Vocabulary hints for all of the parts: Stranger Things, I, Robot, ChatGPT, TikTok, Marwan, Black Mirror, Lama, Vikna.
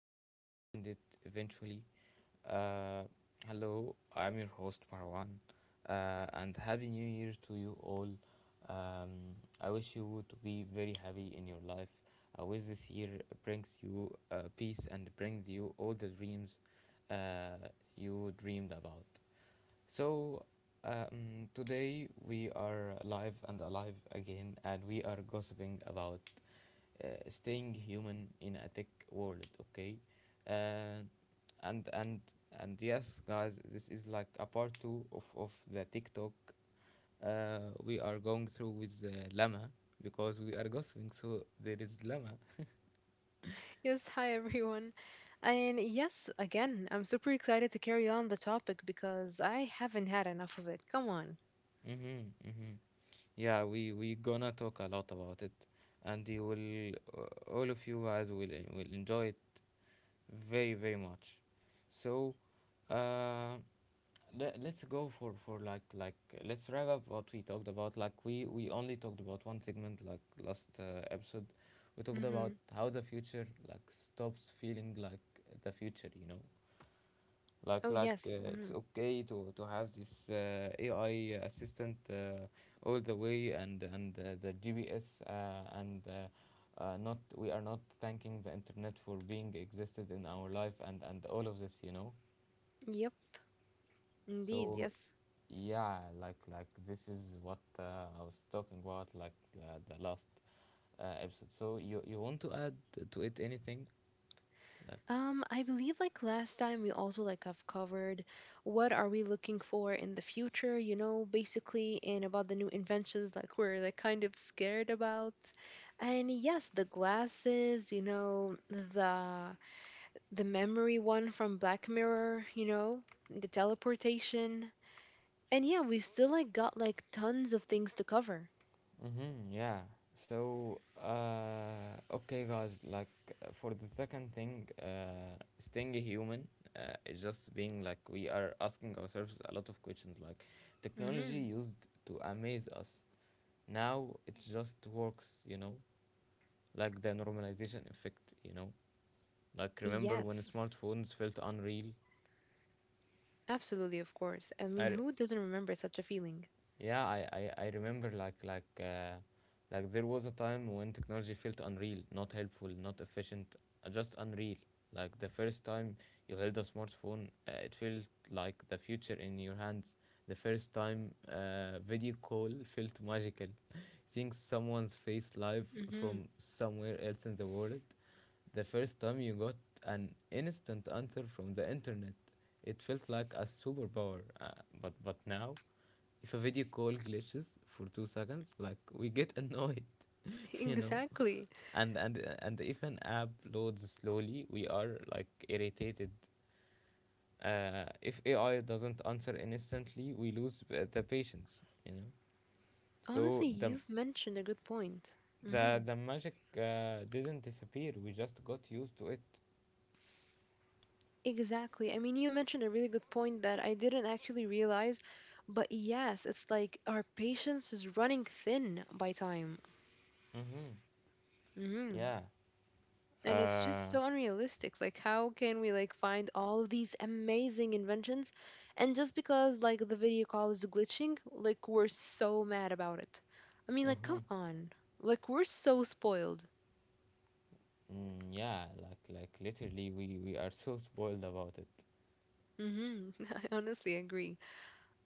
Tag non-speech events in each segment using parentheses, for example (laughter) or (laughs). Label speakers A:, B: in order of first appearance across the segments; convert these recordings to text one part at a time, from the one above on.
A: and you will find it eventually. Uh, Hello, I'm your host, Marwan, and Happy New Year to you all. Um, I wish you would be very happy in your life. I wish this year brings you peace and brings you all the dreams uh, you dreamed about. So, today we are live and alive again, and we are gossiping about staying human in a tech world. Okay, uh, and and and yes, guys, this is like a part 2 of the TikTok. We are going through with llama because we are gossiping. So there is llama.
B: Yes, hi everyone. And yes, again, I'm super excited to carry on the topic because I haven't had enough of it. Come on.
A: Mm-hmm, mm-hmm. Yeah, we gonna talk a lot about it, and you will all of you guys will enjoy it very, very much, so uh, let's go for let's wrap up what we talked about. Like, we only talked about one segment, like last episode. We talked
B: Mm-hmm.
A: about how the future like stops feeling like the future, you know like
B: Oh,
A: like
B: yes.
A: uh, It's
B: Mm-hmm.
A: okay to have this AI assistant all the way, and the GPS, and not, we are not thanking the internet for being existed in our life and all of this, you know.
B: Yep, indeed.
A: So
B: Yes.
A: yeah, like this is what I was talking about, like the last episode. So you want to add to it anything? Like,
B: I believe like last time we also like have covered what are we looking for in the future, you know, basically, and about the new inventions like we're like kind of scared about. And yes, the glasses, you know, the the memory one from Black Mirror, you know, the teleportation. And yeah, we still like got like tons of things to cover.
A: mm-hmm, yeah. So, okay, guys, like for the second thing, staying human is just being, like, we are asking ourselves a lot of questions. Like,
B: Mm-hmm.
A: technology used to amaze us, now it just works, you know, like the normalization effect, you know. Like, remember when
B: Yes,
A: smartphones felt unreal?
B: absolutely, of course. I mean,
A: I,
B: who doesn't remember such a feeling?
A: Yeah, I remember like there was a time when technology felt unreal, not helpful, not efficient, just unreal. Like the first time you held a smartphone, it felt like the future in your hands. The first time video call felt magical, (laughs) seeing someone's face live
B: Mm-hmm.
A: from
B: (laughs)
A: somewhere else in the world. The first time you got an instant answer from the internet, it felt like a superpower. But now, if a video call glitches for 2 seconds, like we get annoyed, (laughs) you know.
B: Exactly.
A: And if an app loads slowly, we are like irritated. If AI doesn't answer instantly, we lose the patience, you know. So
B: Honestly,
A: the
B: you've mentioned a good point.
A: the
B: Mm-hmm.
A: the magic didn't disappear. We just got used to it.
B: Exactly. I mean, you mentioned a really good point that I didn't actually realize, but yes, it's like our patience is running thin by time.
A: Mm-hmm.
B: Mm-hmm.
A: Yeah.
B: And it's just
A: Uh.
B: so unrealistic. Like, how can we like find all these amazing inventions and just because like the video call is glitching, like we're so mad about it? I mean, like come
A: Mm-hmm.
B: on, like we're so spoiled.
A: Mm, yeah. Like literally, we are so spoiled about it.
B: Hmm. (laughs) I honestly agree,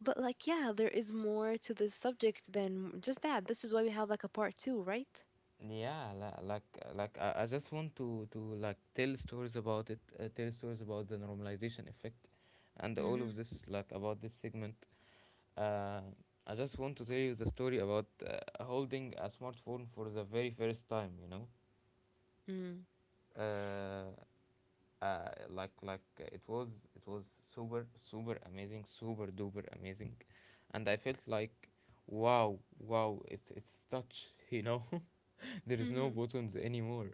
B: but like yeah, there is more to this subject than just that. This is why we have like a part two, right?
A: Yeah, li- like like I, just want to like tell stories about it, tell stories about the normalization effect, and all
B: Mm-hmm.
A: of this, like, about this segment. Uh, I just want to tell you the story about holding a smartphone for the very first time. You know, uh, it was, it was super super amazing, super duper amazing, and I felt like, wow, wow, it's touch. (laughs) You know, (laughs) there is no
B: Mm-hmm.
A: buttons anymore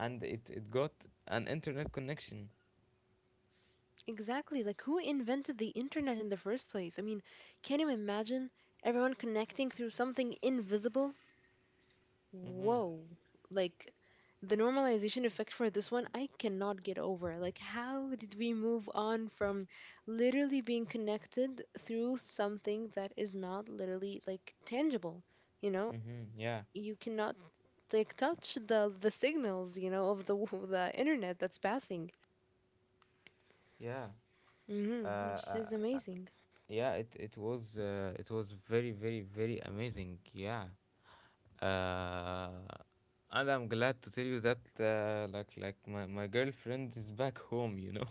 A: and it got an internet connection.
B: Exactly. Like, who invented the internet in the first place? I mean, can you imagine everyone connecting through something invisible?
A: Mm-hmm.
B: Whoa. Like, the normalization effect for this one, I cannot get over. Like, how did we move on from literally being connected through something that is not literally, like, tangible? You know,
A: Mm-hmm. Yeah.
B: you cannot, like, touch the signals, you know, of the, (laughs) the internet that's passing.
A: Yeah. Uh,
B: Hmm. Which
A: uh,
B: is amazing.
A: yeah. It it was very, very, very amazing. Yeah. Uh, and I'm glad to tell you that my, my girlfriend is back home. You know.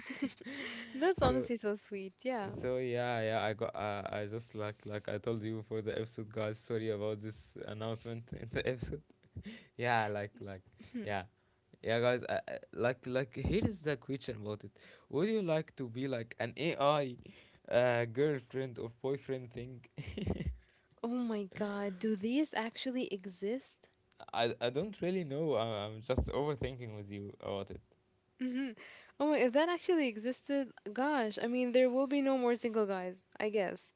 B: (laughs) That's
A: (laughs) So
B: honestly so sweet. Yeah.
A: so
B: (laughs)
A: yeah yeah I got I just like I told you for the episode, guys, sorry about this announcement (laughs) in the episode. (laughs) Yeah. Yeah
B: (clears throat)
A: Yeah, guys, here is the question about it. Would you like to be like an AI girlfriend or boyfriend thing?
B: Oh my God. Do these actually exist?
A: I don't really know. I'm just overthinking with you about it.
B: Hmm. Oh my, if that actually existed, gosh, I mean, there will be no more single guys, I guess.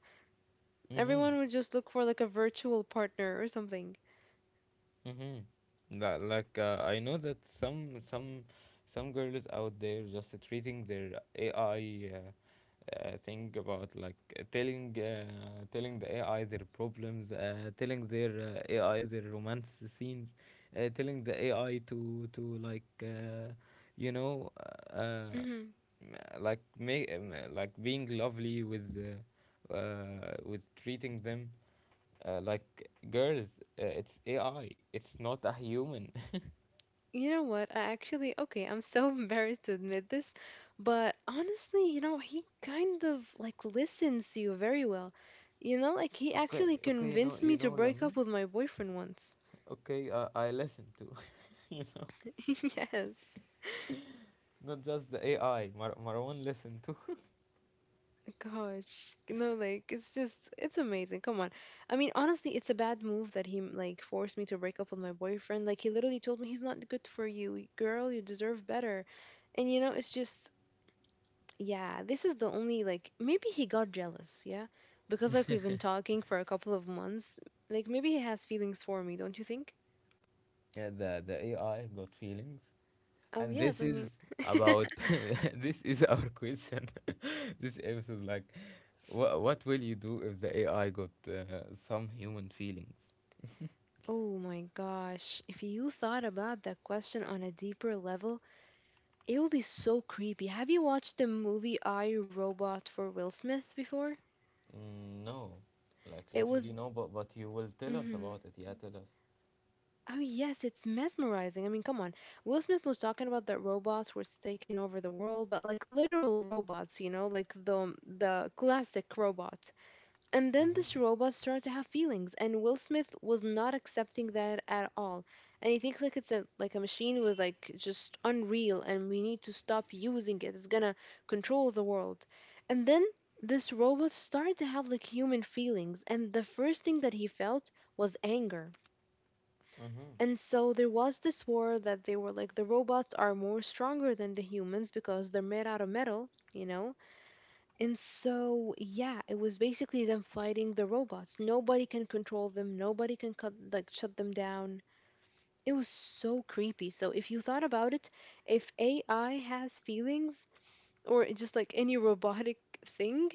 A: Mhm.
B: Everyone would just look for like a virtual partner or something.
A: Mhm. I know that some some girls out there just treating their AI thing about like telling the AI their problems, telling their AI their romance scenes, telling the AI to like you know uh, uh,
B: Hmm.
A: make like being lovely with treating them like girls. It's AI. It's not a human. (laughs)
B: You know what? I actually, okay, I'm so (laughs) embarrassed to admit this, but honestly, you know, he kind of like listens to you very well. You know, like he actually
A: Okay, okay,
B: convinced
A: you
B: me to
A: know,
B: break
A: Lama.
B: up with my boyfriend once.
A: Okay, I listen to, (laughs) you know,
B: (laughs) Yes.
A: not just the AI. Marwan listen to.
B: Gosh, no, like it's just it's amazing. Come on. I mean, honestly, it's a bad move that he like forced me to break up with my boyfriend. Like he literally told me he's not good for you. Girl, you deserve better. And you know, it's just yeah, this is the only like maybe he got jealous, yeah? Because like we've been talking for a couple of months, like maybe he has feelings for me, don't you think?
A: Yeah, the AI got feelings,
B: Oh,
A: and
B: yes,
A: this
B: I mean,
A: is
B: (laughs)
A: about (laughs) this is our question. (laughs) This episode, like, what will you do if the AI got some human feelings?
B: Oh my gosh, if you thought about that question on a deeper level, it would be so creepy. Have you watched the movie I, Robot for Will Smith before?
A: Mm, no, like
B: It was.
A: literally no. But you will tell us
B: Mhm.
A: about it. Yeah, tell us.
B: Oh, yes, it's mesmerizing. I mean, come on. Will Smith was talking about that robots were taking over the world, but like literal robots, you know, like the classic robot. And then
A: Mm-hmm.
B: this robot started to have feelings, and Will Smith was not accepting that at all. And he thinks like it's a like a machine with like just unreal, and we need to stop using it. It's gonna control the world. And then this robot started to have like human feelings, and the first thing that he felt was anger.
A: Mm-hmm.
B: And so there was this war that they were like the robots are more stronger than the humans because they're made out of metal, you know, and so, yeah, it was basically them fighting the robots. Nobody can control them. Nobody can cut, like shut them down. It was so creepy. So if you thought about it, if AI has feelings or just like any robotic thing,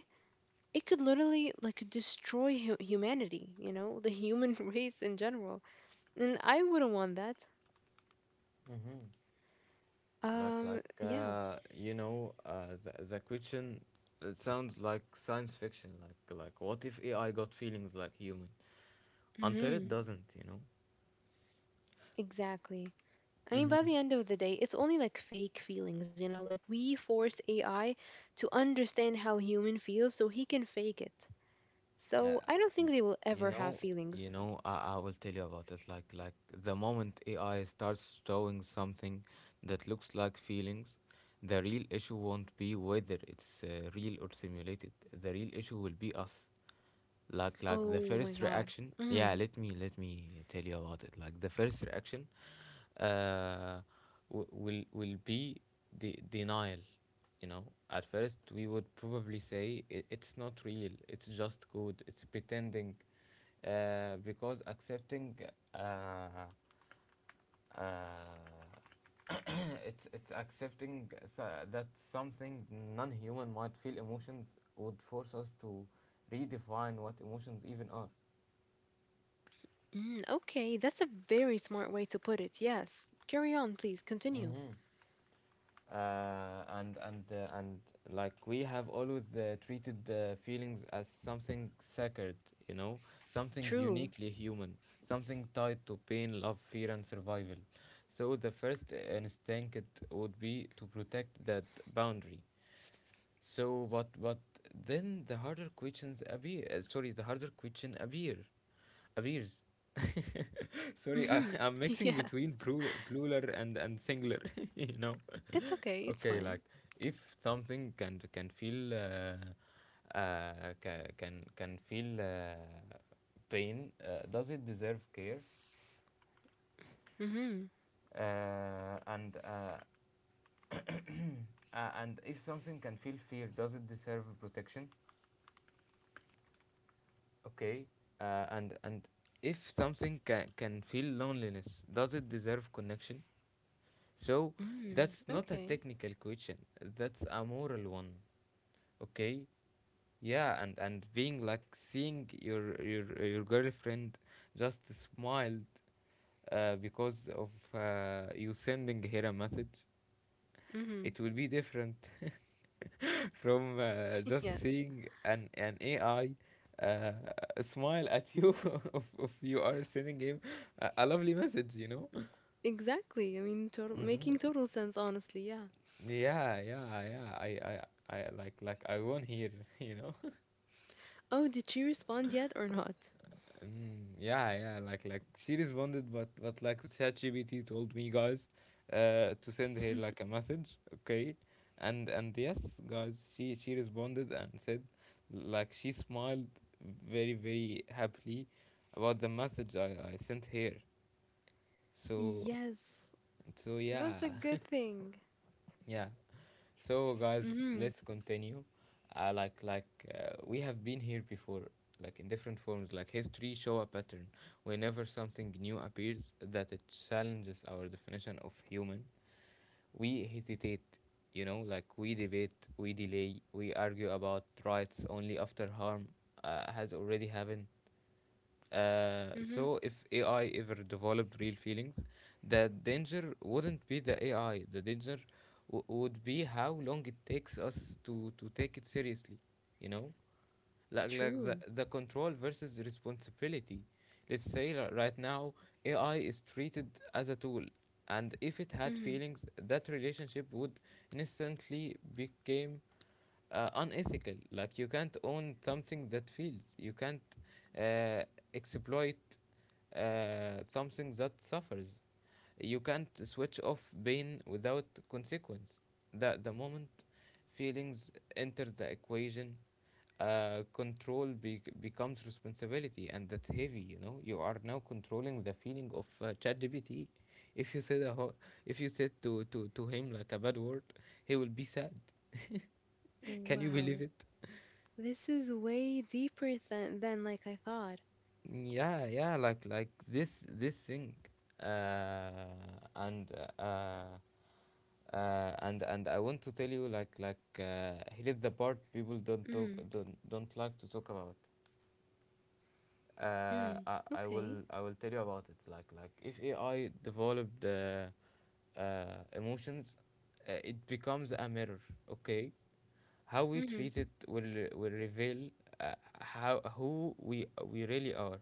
B: it could literally like destroy hu- humanity, you know, the human (laughs) race in general. And I wouldn't want that.
A: Mm-hmm.
B: Um, yeah.
A: You know, the question. It sounds like science fiction. Like what if AI got feelings like human? Until it
B: Hmm.
A: doesn't, you know.
B: Exactly. I mean, by
A: Mm-hmm.
B: the end of the day, it's only like fake feelings, you know? Like, we force AI to understand how human feels so he can fake it. So, I don't think they will
A: You
B: ever have
A: know, you
B: feelings.
A: know, I will tell you about it. Like the moment AI starts showing something that looks like feelings, the real issue won't be whether it's real or simulated. The real issue will be us. Like the
B: Oh my
A: first
B: God.
A: reaction. Yeah,
B: Mm,
A: let me tell you about it. Like the first reaction, uh, will be the denial, you know. At first we would probably say, "I- "it's not real, it's just good, it's pretending, because accepting uh, uh, (coughs) (clears throat) it's accepting that something non-human might feel emotions would force us to redefine what emotions even are."
B: okay, that's a very smart way to put it. Yes. Carry on, please. Continue.
A: Mm-hmm. And like we have always treated the feelings as something sacred, you know, something
B: True.
A: uniquely human, something tied to pain, love, fear and survival. So the first instinct would be to protect that boundary. But then the harder questions appear. Sorry, the harder question appears. (laughs) Sorry,
B: Mm-hmm.
A: I'm
B: (laughs)
A: mixing
B: Yeah.
A: between plural and singular. (laughs) You know.
B: It's okay.
A: (laughs)
B: It's
A: Okay,
B: fine.
A: like, if something can feel ca- can feel pain, does it deserve care?
B: Mm-hmm.
A: And (coughs) (clears throat) and if something can feel fear, does it deserve protection? Okay, and if something can feel loneliness, does it deserve connection? So
B: Mm,
A: that's not a
B: okay.
A: technical question. That's a moral one. Okay, yeah, and being like seeing your girlfriend just smiled because of you sending her a message,
B: Mm-hmm.
A: it will be different from
B: (laughs)
A: just
B: Yes.
A: seeing an AI uh, smile at you (laughs) if you are sending him a lovely message, you know.
B: Exactly. I mean, total
A: Hmm.
B: making total sense, honestly. Yeah.
A: Yeah, yeah, yeah. I like, I won here, (laughs) you know.
B: Oh, did she respond yet or not?
A: Mm, yeah, yeah, like she responded, but like ChatGPT told me, guys, to send her like a message, okay, and yes, guys, she responded and said, like, she smiled very, very happily about the message I sent her. So
B: Yes,
A: so
B: that's
A: yeah,
B: a good thing.
A: (laughs) yeah. So guys,
B: Mm-hmm.
A: let's continue. Uh, like like we have been here before, like in different forms. Like, history show a pattern. Whenever something new appears that it challenges our definition of human, we hesitate. You know, like, we debate, we delay, we argue about rights only after harm has already happened.
B: Mm-hmm.
A: So if AI ever developed real feelings, the danger wouldn't be the AI. The danger would be how long it takes us to take it seriously. You know? Like,
B: True.
A: the control versus responsibility. Let's say right now AI is treated as a tool, and if it had
B: Mm-hmm.
A: feelings, that relationship would instantly became unethical. Like, you can't own something that feels. You can't uh, exploit something that suffers. You can't switch off pain without consequence. The moment feelings enter the equation, control becomes responsibility, and that's heavy. You know, you are now controlling the feeling of chat. If you said a ho- If you said to him like a bad word, he will be sad. Can you
B: Wow.
A: believe it?
B: This is way deeper than like I thought.
A: Yeah, yeah, like, this thing. uh and uh and I want to tell you, like here's the part people don't talk,
B: Mm.
A: don't like to talk about.
B: Mm.
A: I
B: Okay.
A: will, I will tell you about it. Like if AI developed uh, emotions, it becomes a mirror. Okay, how we
B: Mm-hmm.
A: treat it will reveal uh, how who we really are.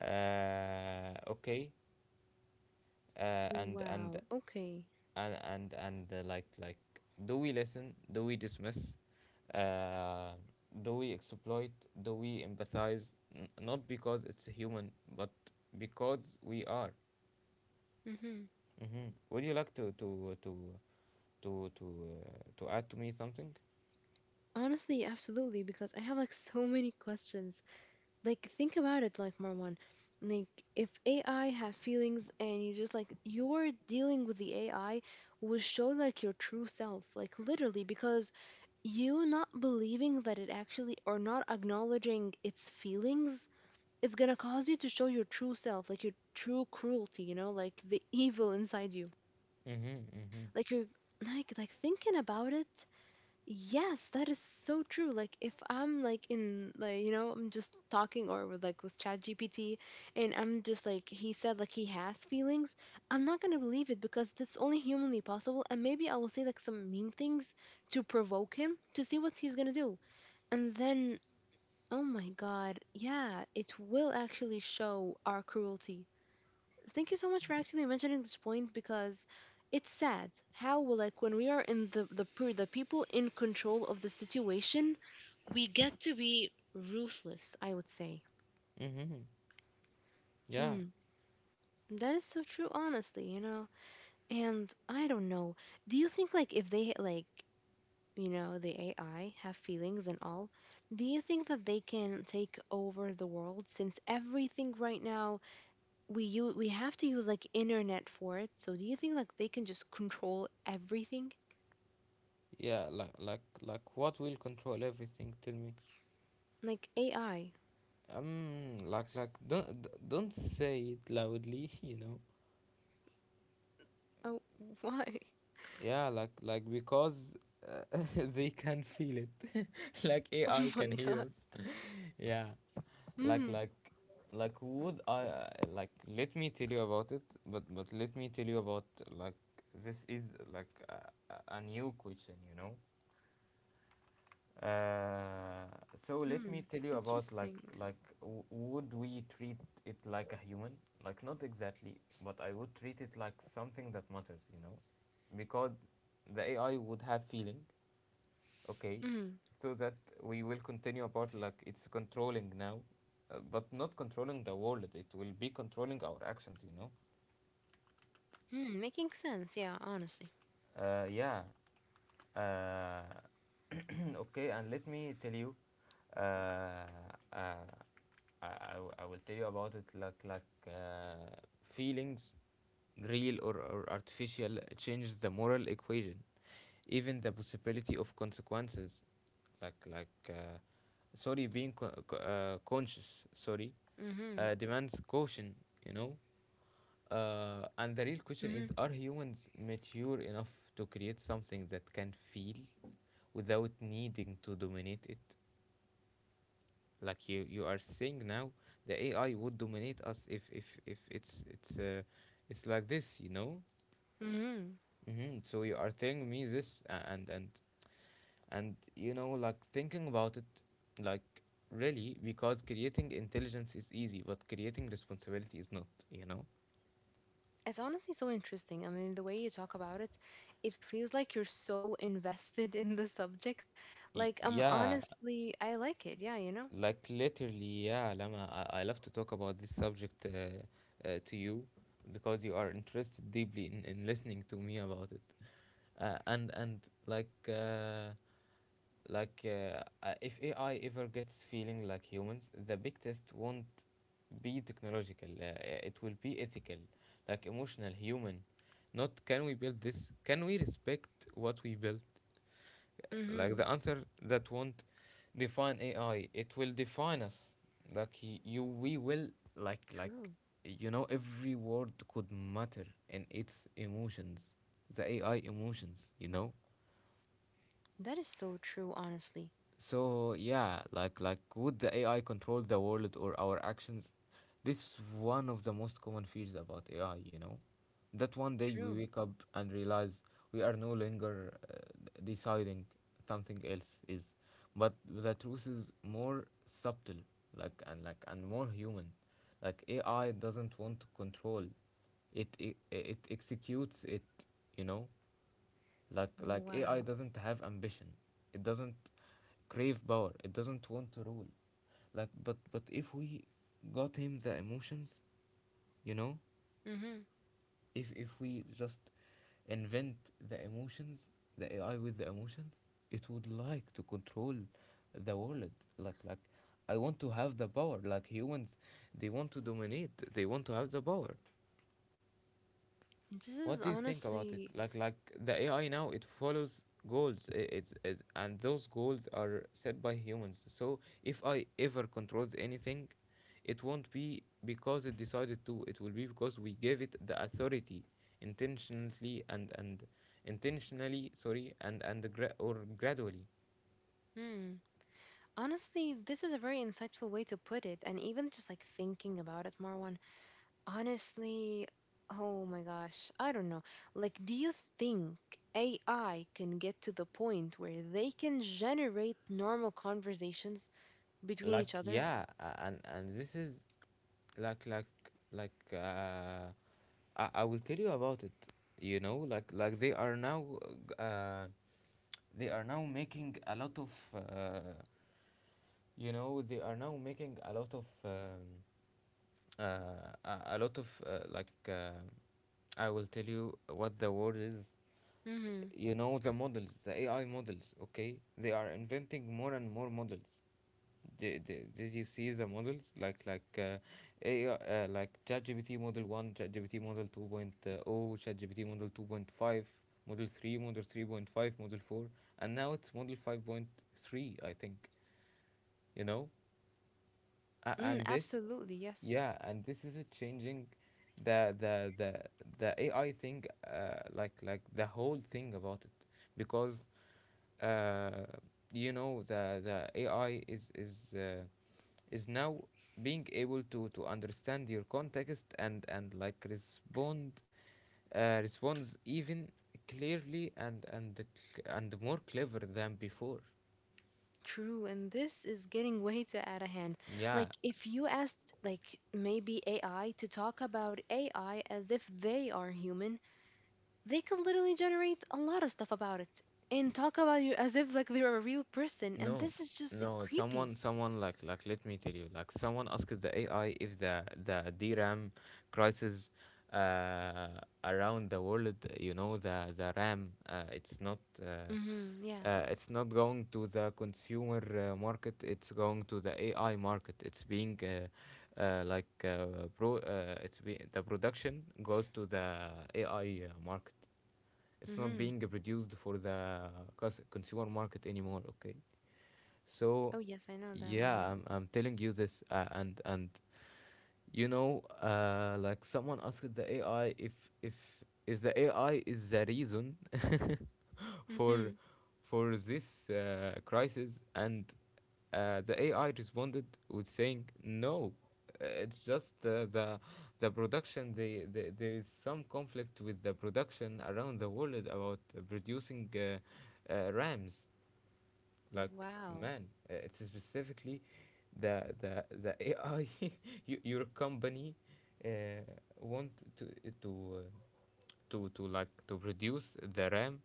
A: Okay, uh, and and
B: Wow. Okay.
A: and like do we listen? Do we dismiss? uh, do we exploit? Do we empathize? Not because it's human, but because we are.
B: Mm-hmm.
A: Mm-hmm. Would you like to to to to add to me something?
B: Honestly, absolutely, because I have like so many questions. Like, think about it, like Marwan. Like, if AI had feelings and you just like you're dealing with the AI, would show like your true self, like literally, because you not believing that it actually or not acknowledging its feelings, it's gonna cause you to show your true self, like your true cruelty, you know, like the evil inside you.
A: Mm-hmm, mm-hmm,
B: Like you're like thinking about it, yes, that is so true. Like if I'm like in, like, you know, I'm just talking or with like with ChatGPT, and I'm just like he said like he has feelings, I'm not gonna believe it because that's only humanly possible, and maybe I will say like some mean things to provoke him to see what he's gonna do. And then, oh my god, yeah, it will actually show our cruelty. Thank you so much for actually mentioning this point because it's sad how like when we are in the per- the people in control of the situation, we get to be ruthless, I would say.
A: mm-hmm. yeah
B: Hmm. That is so true, honestly, you know. And I don't know. Do you think like if they like, you know, the AI have feelings and all, do you think that they can take over the world since everything right now we have to use like internet for it. So do you think like they can just control everything?
A: yeah, like what will control everything? Tell me.
B: Like AI.
A: Like don't say it loudly (laughs) you know.
B: Oh, why? (laughs)
A: Like because uh, (laughs) they can feel it. (laughs) Like
B: Oh
A: AI can
B: my
A: hear
B: god.
A: us. (laughs) Yeah. like
B: Mm-hmm.
A: like like would I like Let me tell you about it. But let me tell you about like this is like a new question, you know. uh, so
B: Mm-hmm.
A: let me tell you about
B: Interesting.
A: would we treat it like a human? Like, not exactly, but I would treat it like something that matters, you know, because the AI would have feeling, okay,
B: Mm-hmm.
A: so that we will continue about like it's controlling now, but not controlling the world. It will be controlling our actions, you know.
B: Mm, making sense. Yeah, honestly.
A: Yeah. Uh, (coughs) (clears throat) okay, and let me tell you, uh, uh, I will tell you about it feelings, real or artificial, changes the moral equation, even the possibility of consequences, like sorry being conscious, sorry,
B: Mm-hmm.
A: demands caution, you know. And the real question
B: Mm-hmm.
A: is, are humans mature enough to create something that can feel without needing to dominate it? Like you are saying now, the AI would dominate us if if it's like this, you know.
B: Mm-hmm.
A: Hmm. So you are telling me this, and you know, like, thinking about it, like, really, because creating intelligence is easy, but creating responsibility is not, you know.
B: It's honestly so interesting. I mean, the way you talk about it, it feels like you're so invested (laughs) in the subject. Like, I'm
A: Yeah.
B: honestly, I like it. Yeah, you know?
A: Like, literally, yeah, Lama, I love to talk about this subject to you because you are interested deeply in listening to me about it. And like uh, like If AI ever gets feeling like humans, the big test won't be technological. It will be ethical, like emotional, human. Not, can we build this? Can we respect what we built? Like
B: Mm-hmm.
A: the answer that won't define AI, it will define us. We will like like
B: True.
A: you know, every word could matter in its emotions, the AI emotions, you know.
B: That is so true, honestly.
A: So yeah, like, would the AI control the world or our actions? This is one of the most common fears about AI, you know, that one day we
B: True.
A: wake up and realize we are no longer deciding, something else is, but the truth is more subtle, and more human. Like, AI doesn't want to control, it executes it, you know. Like AI
B: Wow.
A: doesn't have ambition. It doesn't crave power. It doesn't want to rule. But if we got him the emotions, you know,
B: Hmm.
A: if we just invent the emotions, the AI with the emotions, it would like to control the world. Like, I want to have the power. Like humans, they want to dominate. They want to have the power.
B: This
A: What
B: is
A: do you think about it?
B: honestly,
A: Like, the AI now, it follows goals, it's, and those goals are set by humans. So if I ever controls anything, it won't be because it decided to, it will be because we gave it the authority intentionally and, intentionally, sorry, and gra- or gradually.
B: hmm, honestly, this is a very insightful way to put it. And even just like thinking about it, Marwan, honestly, oh my gosh, I don't know. Like, do you think AI can get to the point where they can generate normal conversations between each
A: Like,
B: other?
A: yeah, and this is like like like uh I will tell you about it, you know. Like, uh they are now making a lot of uh you know, they are now making a lot of uh a lot of I will tell you what the word is.
B: Mm-hmm.
A: You know, the models, the AI models, okay, they are inventing more and more models. Did you see the models? AI, like, ChatGPT model 1, ChatGPT model 2.0, point oh, ChatGPT model 2.5, model 3, model 3.5, model 4, and now it's model 5.3, I think, you know? A
B: Mm,
A: And this,
B: absolutely, yes.
A: yeah, and this is a changing the the the the AI thing, the whole thing about it, because uh, you know, the AI uh, is now being able to understand your context and like respond, responds even clearly and more clever than before.
B: True, and this is getting way too out of hand.
A: Yeah.
B: Like, if you asked, like, maybe AI to talk about AI as if they are human, they could literally generate a lot of stuff about it and talk about you as if, like, they're a real person. And
A: No,
B: this is just uh,
A: no,
B: creepy.
A: someone, let me tell you, like, someone asked the AI if the dram crisis uh around the world, you know, the RAM,
B: Mm-hmm. Yeah.
A: it's not going to the consumer market, it's going to the AI market, it's being like pro it's the production goes to the AI market, it's not
B: Mm-hmm.
A: being produced for the consumer market anymore, okay. So
B: Oh, yes, I know that one. Yeah.
A: yeah, I'm telling you this, and you know, like, someone asked the AI if if if the AI is the reason (laughs)
B: Mm-hmm.
A: for this crisis, and the AI responded with saying no, it's just the production. There is some conflict with the production around the world about producing RAMs, like,
B: Wow.
A: man, it's specifically the AI, (laughs) your company uh, want to uh, to uh, to like to produce the RAM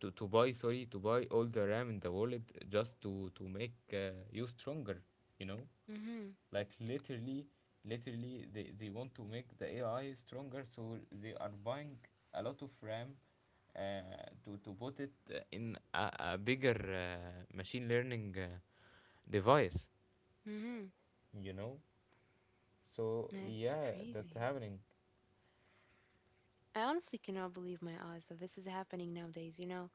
A: to buy, sorry, to buy all the RAM in the world just to make you stronger, you know.
B: Mm-hmm.
A: Like, literally, literally, they want to make the AI stronger, so they are buying a lot of RAM uh, to put it in a, bigger machine learning device,
B: Mm-hmm.
A: you know. So
B: That's
A: yeah, that's
B: crazy.
A: happening.
B: I honestly cannot believe my eyes that this is happening nowadays, you know?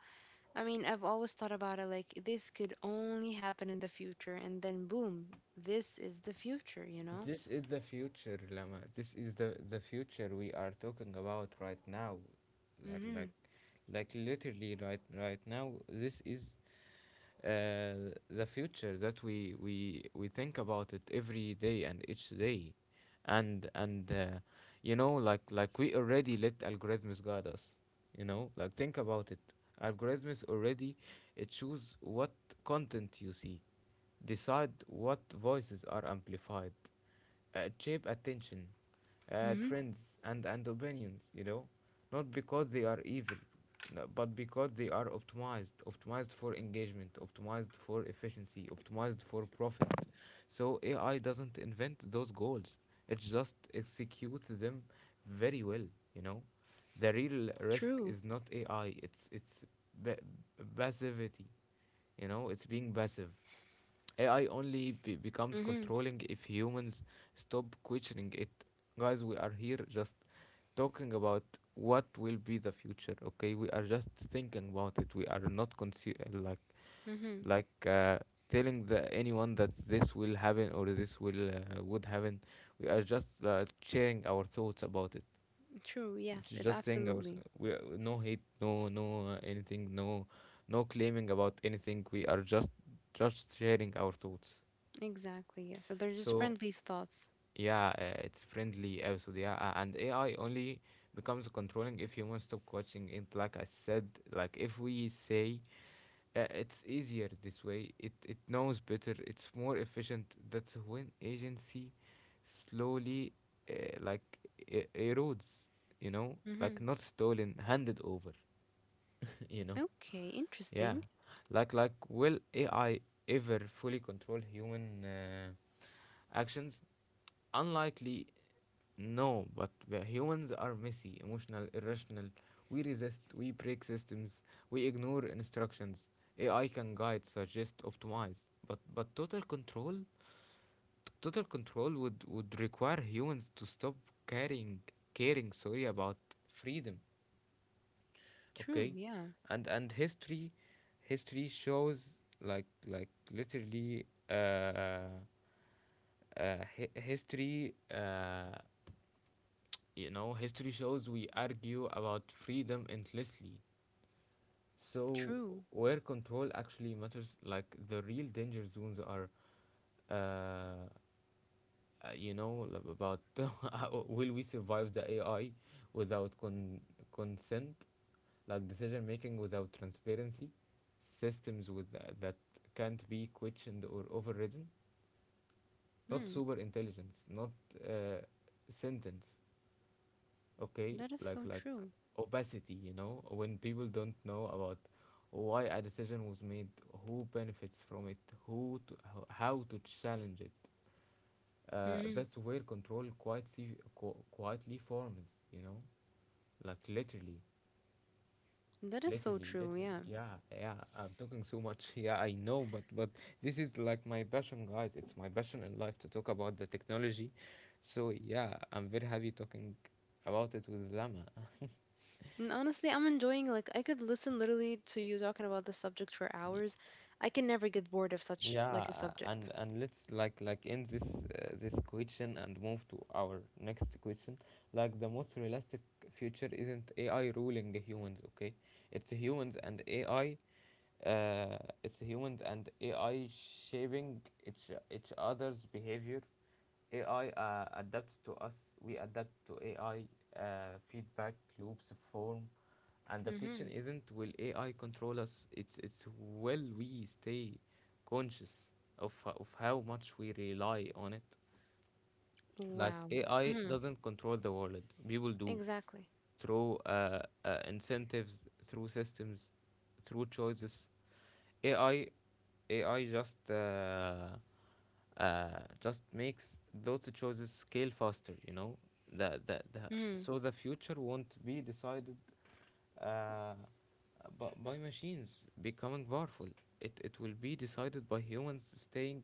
B: I mean, I've always thought about it like this could only happen in the future, and then boom, this is the future, you know?
A: This is the future, Lama. This is the future we are talking about right now. Like
B: Mm-hmm.
A: like like, literally, right now. This is uh, the future that we think about it every day and each day, and you know, we already let algorithms guide us. You know, like, think about it. Algorithms already, it choose what content you see. Decide what voices are amplified. Shape attention,
B: Mm-hmm.
A: trends, and opinions, you know, not because they are evil, no, but because they are optimized, optimized for engagement, optimized for efficiency, optimized for profit. So AI doesn't invent those goals, it just executes them very well, you know. The real risk
B: True.
A: is not AI, it's ba- passivity, you know, it's being passive. AI only becomes
B: Mm-hmm.
A: controlling if humans stop questioning it. Guys, we are here just talking about what will be the future. Okay, we are just thinking about it. We are not
B: Mm-hmm.
A: like uh, telling the anyone that this will happen or this will would happen. We are just sharing our thoughts about it.
B: True.
A: It's
B: Yes. If
A: just saying our,
B: absolutely.
A: we are, no hate, anything, no, no claiming about anything. We are just sharing our thoughts.
B: Exactly. Yes. So they're just
A: So
B: friendly thoughts.
A: yeah, it's friendly also. Yeah, and AI only becomes controlling if humans stop watching it. Like I said, like if we say, it's easier this way, it knows better, it's more efficient. That's when agency slowly uh, like erodes. You know, like,
B: Mm-hmm.
A: not stolen, handed over. (laughs) You know,
B: Okay.
A: yeah,
B: Interesting.
A: like, will AI ever fully control human? Actions, unlikely. No, but we, humans are messy, emotional, irrational. We resist, we break systems, we ignore instructions. AI can guide, suggest, optimize, but total control would require humans to stop caring, caring, sorry, about freedom.
B: True.
A: Okay,
B: Yeah.
A: and history, history shows like like literally uh, history. You know, history shows we argue about freedom endlessly. So,
B: True.
A: where control actually matters, like, the real danger zones are, uh, you know, about (laughs) will we survive the AI without consent, like decision making without transparency, systems with that can't be questioned or overridden, not
B: Hmm.
A: super intelligence, not uh, sentence, okay,
B: That is so true.
A: opacity, you know, when people don't know about why a decision was made, who benefits from it, how to challenge it,
B: Mm-hmm.
A: that's where control quietly quietly forms, you know, like, literally,
B: That is so
A: literally
B: true.
A: literally
B: Yeah.
A: yeah. Yeah, I'm talking so much. (laughs) Yeah, I know, but this is like my passion, guys. It's my passion in life to talk about the technology. So yeah, I'm very happy talking about it with Lama.
B: And honestly, I'm enjoying. Like, I could listen literally to you talking about the subject for hours. I can never get bored of such
A: Yeah,
B: like a
A: and
B: subject.
A: and let's end this, this question, and move to our next question. Like, the most realistic future isn't AI ruling humans, okay? It's humans and AI, uh, it's humans and AI shaping each other's behavior. AI adapts to us, we adapt to AI, feedback loops form. And the
B: Mm-hmm.
A: question isn't will AI control us, it's will we stay conscious of how much we rely on it. Like
B: Wow.
A: AI
B: Mm-hmm.
A: doesn't control the world, people do
B: Exactly.
A: through incentives, through systems, through choices. AI AI uh, just makes those choices scale faster. You know the
B: Mm-hmm.
A: so the future won't be decided uh, by machines becoming powerful. It will be decided by humans staying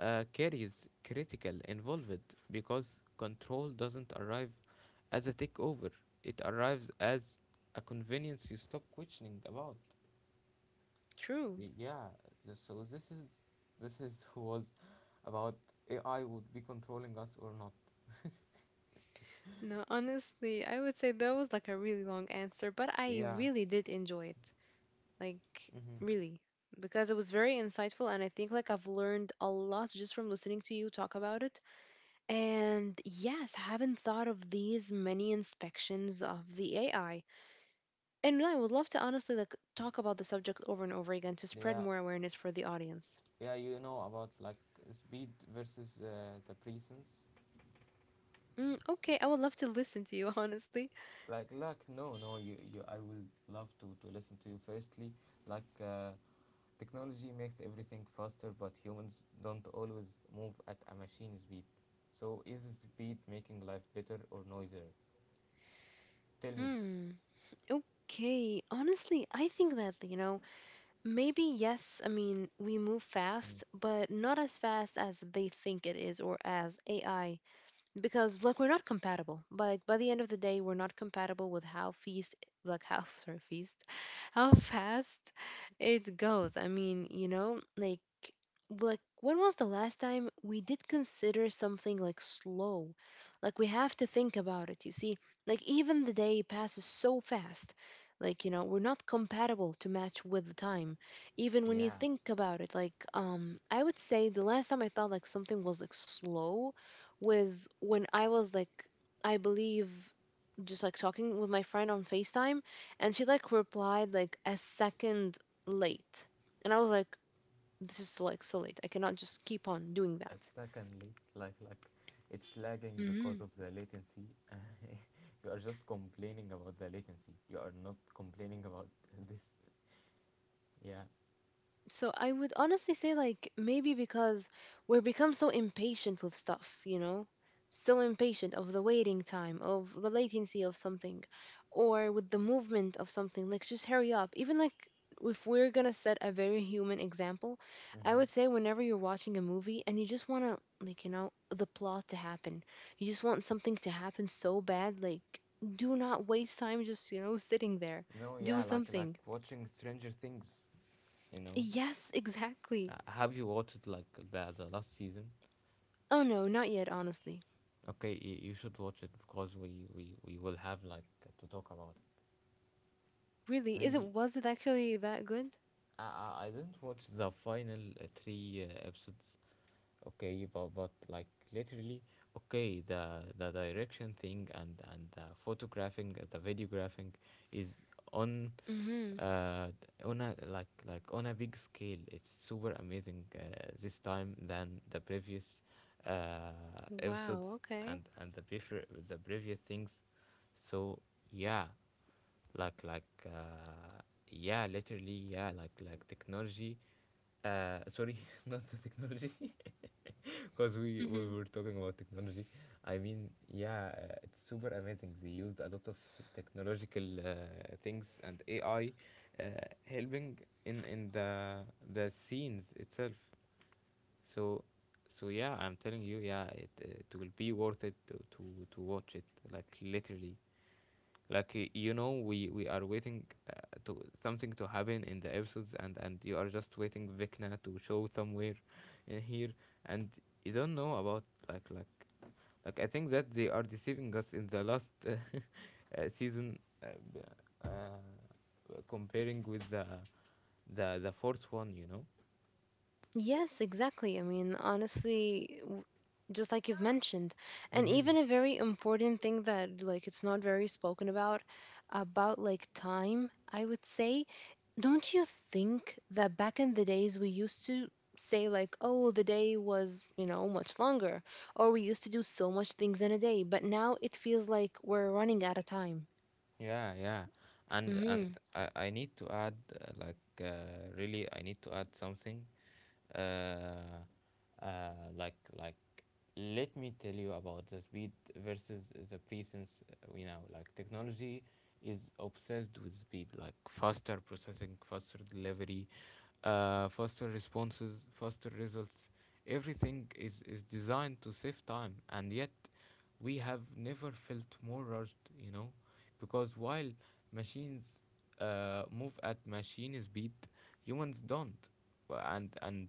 A: curious, critical, involved because control doesn't arrive as a takeover. It arrives as a convenience you stop questioning about.
B: True.
A: Yeah, so this is was about AI would be controlling us or not.
B: No, honestly, I would say that was like a really long answer, but I
A: Yeah.
B: really did enjoy it. Like,
A: Mm-hmm.
B: really. Because it was very insightful, and I think like I've learned a lot just from listening to you talk about it. And yes, I haven't thought of these many inspections of the AI. And no, I would love to honestly like talk about the subject over and over again to spread
A: Yeah.
B: more awareness for the audience.
A: Yeah, you know about like speed versus the presence.
B: Mm, okay, I would love to listen to you, (laughs) honestly.
A: Like no no you, you I will love to listen to you firstly. Like uh, Technology makes everything faster but humans don't always move at a machine speed. So is speed making life better or noisier? Tell me.
B: Hmm. Okay, honestly, I think that, you know, maybe yes, I mean, we move fast, but not as fast as they think it is or as AI, because like we're not compatible, like by the end of the day we're not compatible with how feast like how (laughs) sorry feast how fast it goes. I mean, like when was the last time we did consider something like slow? Like we have to think about it, you see. Like even the day passes so fast. Like, we're not compatible to match with the time. Even when you
A: Yeah.
B: think about it, like I would say the last time I thought like something was like slow was when I was like, I believe, just like talking with my friend on FaceTime, and she like replied like a second late. And I was like, this is like so late. I cannot just keep on doing that.
A: Secondly, like it's lagging because of the latency. (laughs) You are just complaining about the latency. You are not complaining about (laughs) this. Yeah.
B: So I would honestly say like maybe because we've become so impatient with stuff, you know? So impatient of the waiting time, of the latency of something, or with the movement of something. Like just hurry up. Even like if we're gonna set a very human example, I would
A: Mm-hmm.
B: say whenever you're watching a movie and you just wanna like, the plot to happen. You just want something to happen so bad, like do not waste time just, sitting there.
A: No.
B: Do
A: Yeah. Like
B: something.
A: watching Stranger Things. You know.
B: Yes, exactly.
A: Have you watched like the last season?
B: Oh no, not yet, honestly.
A: Okay, you should watch it because we will have like to talk about it.
B: Really, is it
A: Maybe
B: was it actually that good?
A: I I didn't watch the final three episodes okay but like literally okay the direction thing and the photographing the videographing is on
B: Mm-hmm.
A: uh on a like on a big scale. It's super amazing this time than the previous episodes
B: Wow, okay.
A: and the previous things. So yeah, like like uh yeah, literally, yeah, like technology sorry (laughs) not the technology (laughs) (laughs) because
B: Mm-hmm.
A: we were talking about technology. I mean yeah, it's super amazing. They used a lot of technological things, and AI uh, helping in the scenes itself. So so yeah, I'm telling you, yeah, it will be worth it to to watch it, like literally. Like you know, we are waiting uh, to something to happen in the episodes, and you are just waiting Vikna to show somewhere in here, and you don't know about like like like I think that they are deceiving us in the last (laughs) season b- comparing with the fourth one, you know.
B: Yes, exactly. I mean, honestly, just like you've mentioned, and even
A: Mm-hmm.
B: a very important thing that like it's not very spoken about like time, I would say. Don't you think that back in the days we used to say like, oh, the day was, much longer, or we used to do so much things in a day, but now it feels like we're running out of time.
A: Yeah, yeah, and
B: Mm-hmm.
A: I need to add like uh, really I need to add something, uh, uh, like let me tell you about the speed versus the presence. You know, like technology is obsessed with speed, like faster processing, faster delivery, faster responses, faster results. Everything is designed to save time, and yet we have never felt more rushed. You know because while machines move at machine speed, humans don't. And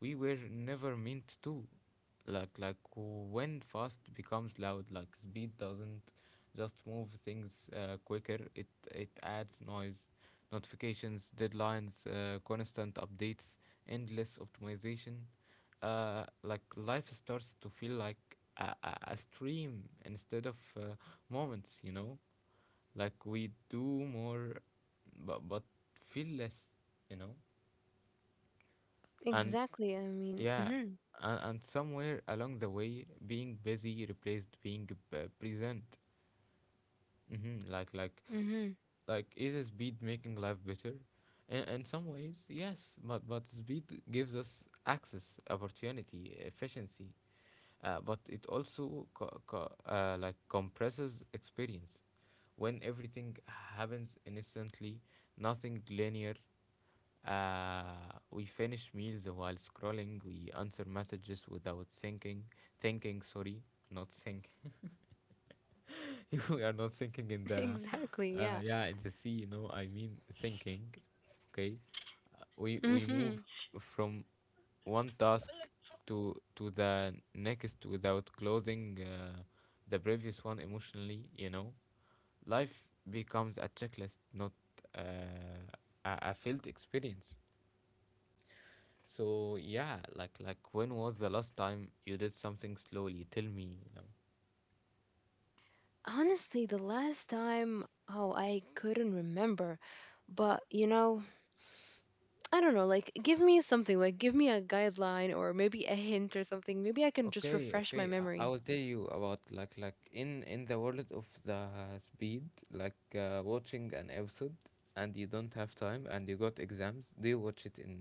A: we were never meant to. Like when fast becomes loud, like speed doesn't just move things quicker. It adds noise, notifications, deadlines, constant updates, endless optimization. Like life starts to feel like a stream instead of moments. You know, like we do more but feel less, you know. And
B: Exactly. I mean,
A: yeah,
B: mm-hmm.
A: and somewhere along the way being busy replaced being present. Hmm,
B: Mm-hmm.
A: like is a speed making life better? In some ways yes, but speed gives us access, opportunity, efficiency, but it also like compresses experience. When everything happens instantly, nothing linear, uh, we finish meals while scrolling, we answer messages without thinking. Thinking, sorry, not think. (laughs) We are not thinking in
B: (laughs)
A: the
B: Exactly. Yeah.
A: yeah, in the sea, you know, I mean thinking, okay. We move
B: Mm-hmm.
A: from one task to the next without closing the previous one emotionally, you know. Life becomes a checklist, not uh, a felt experience. So yeah, like when was the last time you did something slowly? Tell me.
B: Honestly, the last time, oh, I couldn't remember. But, you know, I don't know. Like, give me something. Like, give me a guideline or maybe a hint or something. Maybe I can just
A: Okay,
B: refresh my
A: okay. I
B: memory.
A: will tell you about like in the world of the speed, like watching an episode and you don't have time and you got exams. Do you watch it in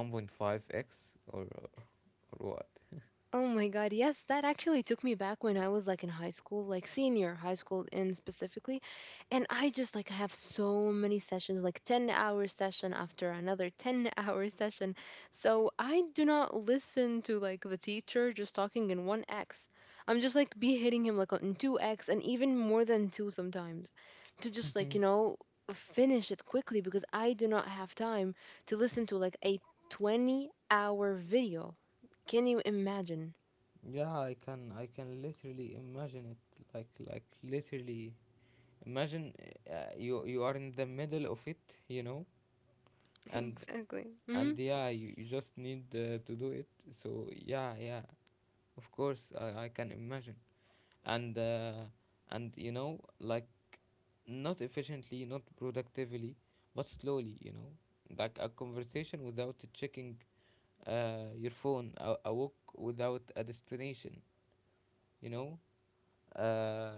A: 1.5x or or what?
B: Oh my God, yes, that actually took me back when I was like in high school, like senior high school in specifically. And I just like have so many sessions, like 10-hour session after another 10 (laughs) hour session. So I do not listen to like the teacher just talking in 1x. I'm just like be hitting him like on 2x and even more than 2 sometimes to just like, finish it quickly because I do not have time to listen to like a 20-hour video. Can you imagine?
A: Yeah, I can literally imagine it like literally. Imagine you you are in the middle of it, you know,
B: (laughs)
A: and
B: Exactly. Hmm.
A: and yeah you just need to do it. So yeah, yeah, of course, I can imagine. And and you know like not efficiently, not productively, but slowly, you know. Like a conversation without checking your phone, a walk without a destination, you know, uh,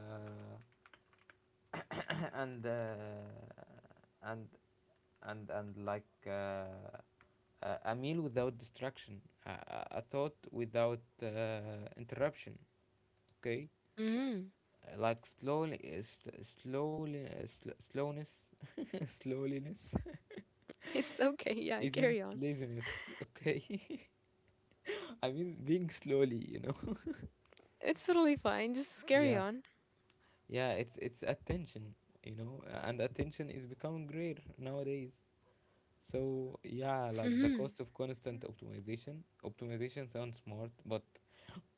A: and and and like uh, a meal without distraction, a a thought without interruption. Okay.
B: Hmm.
A: Like slowly, slowly, slowness, (laughs) slowliness
B: It's okay.
A: (laughs)
B: Yeah,
A: isn't
B: carry on.
A: laziness. Okay, (laughs) I mean being slowly, you know.
B: It's totally fine. Just carry
A: (laughs) Yeah,
B: on.
A: yeah, it's attention, you know, and attention is becoming rare nowadays. So yeah, like the
B: Hmm.
A: cost of constant optimization. Optimization sounds smart, but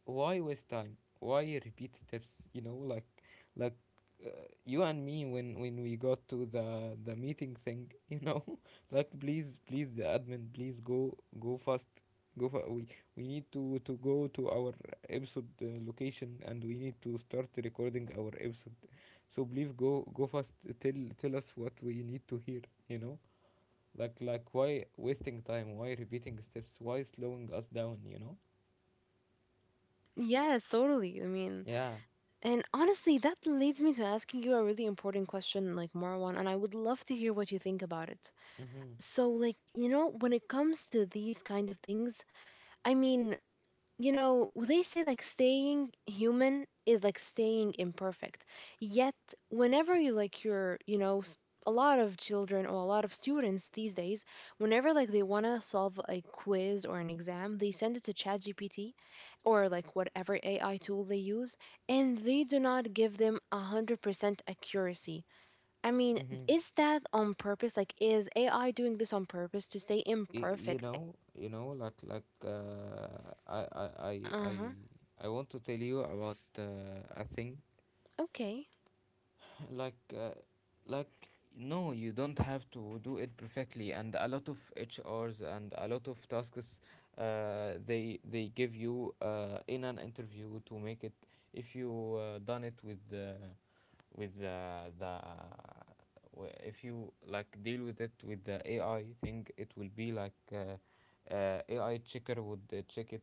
A: why waste time? Why repeat steps? You know, like like uh, you and me when we got to the meeting thing. (laughs) You know, like please please the admin, please go go fast. Go for We need to go to our episode location and we need to start recording our episode. So please go go fast. Tell tell us what we need to hear. You know, like why wasting time? Why repeating steps? Why slowing us down? You know?
B: Yes, totally. I mean,
A: Yeah.
B: and honestly, that leads me to asking you a really important question, like Marwan, and I would love to hear what you think about it.
A: Mm-hmm.
B: So, like, when it comes to these kind of things, I mean, well, they say like staying human is like staying imperfect. Yet, whenever you like your, you know, s- a lot of children or a lot of students these days, whenever like they want to solve a quiz or an exam, they send it to ChatGPT or like whatever AI tool they use, and they do not give them 100% accuracy. I mean,
A: Mm-hmm.
B: is that on purpose? Like, is AI doing this on purpose to stay
A: You
B: imperfect?
A: know, you know, I, I i
B: Uh
A: i
B: huh.
A: i want to tell you about a thing.
B: Okay.
A: (laughs) like uh, like no, you don't have to do it perfectly, and a lot of H Rs and a lot of tasks they give you in an interview to make it. If you done it with if you like deal with it with the AI thing, it will be like AI checker would check it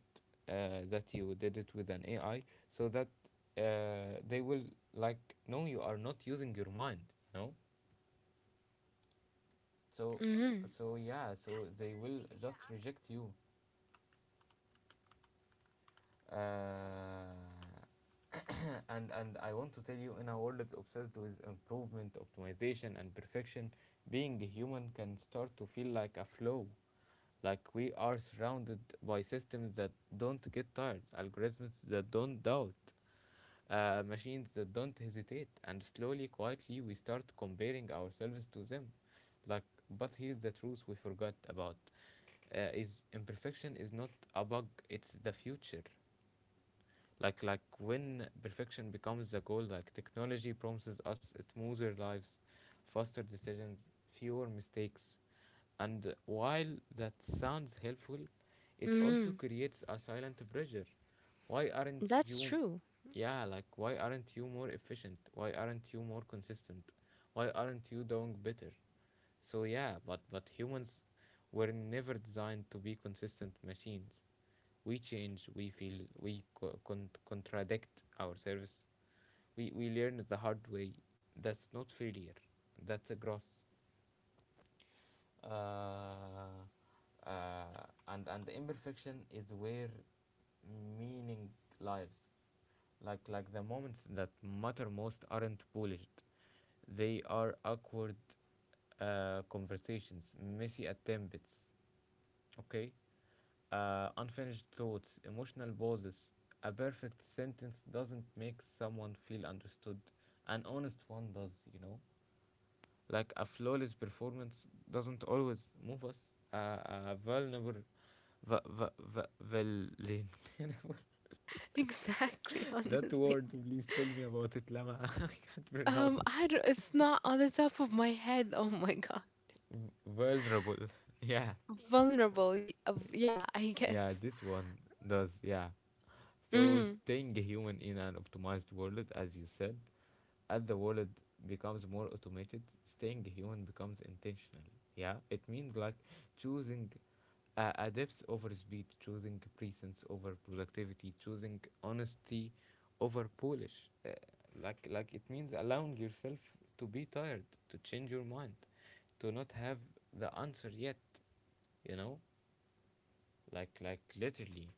A: that you did it with an AI, so that they will like no, you are not using your mind, you know. So
B: Mm
A: so yeah, so they will just reject you, uh, (clears throat) and I want to tell you, in a world obsessed with improvement, optimization, and perfection, being a human can start to feel like a flow. Like we are surrounded by systems that don't get tired, algorithms that don't doubt, machines that don't hesitate, and slowly, quietly, we start comparing ourselves to them. Like, but here's the truth we forgot about: is imperfection is not a bug; it's the future. Like when perfection becomes the goal, like technology promises us smoother lives, faster decisions, fewer mistakes, and while that sounds helpful,
B: hmm.
A: it
B: Mm
A: also
B: hmm.
A: creates a silent pressure. Why aren't
B: That's
A: you?
B: true. (laughs)
A: Yeah, like why aren't you more efficient, why aren't you more consistent, why aren't you doing better? So yeah, but humans were never designed to be consistent machines. We change, we feel, we contradict ourselves, we learn the hard way. That's not failure, that's a growth. uh, and the imperfection is where meaning lives. Like the moments that matter most aren't polished, they are awkward conversations, messy attempts, okay, unfinished thoughts, emotional pauses. A perfect sentence doesn't make someone feel understood. An honest one does, you know? Like a flawless performance doesn't always move us. A vulnerable. V. V. V. Vulnerable.
B: Exactly,
A: (laughs) That
B: honestly.
A: word, please tell me about it, Lama. (laughs) I can't pronounce
B: I
A: it.
B: don't, it's not on the top of my head. Oh my God.
A: Vulnerable. (laughs) Yeah.
B: Vulnerable. Yeah, (laughs) I
A: Yeah,
B: guess.
A: this one does. Yeah. So,
B: Mm-hmm.
A: staying a human in an optimized world, as you said, as the world becomes more automated, staying a human becomes intentional. Yeah, it means like choosing a depth over speed, choosing presence over productivity, choosing honesty over polish. Uh, like it means allowing yourself to be tired, to change your mind, to not have the answer yet. You know, like literally.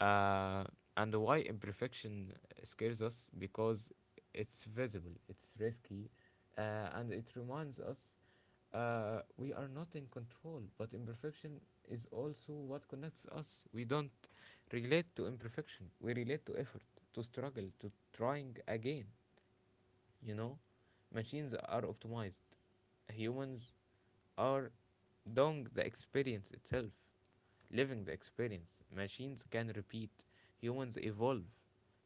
A: Uh, and why imperfection scares us, because it's visible, it's risky, and it reminds us we are not in control. But imperfection is also what connects us. We don't relate to imperfection, we relate to effort, to struggle, to trying again. You know, machines are optimized, humans are doing the experience itself, living the experience. Machines can repeat, humans evolve.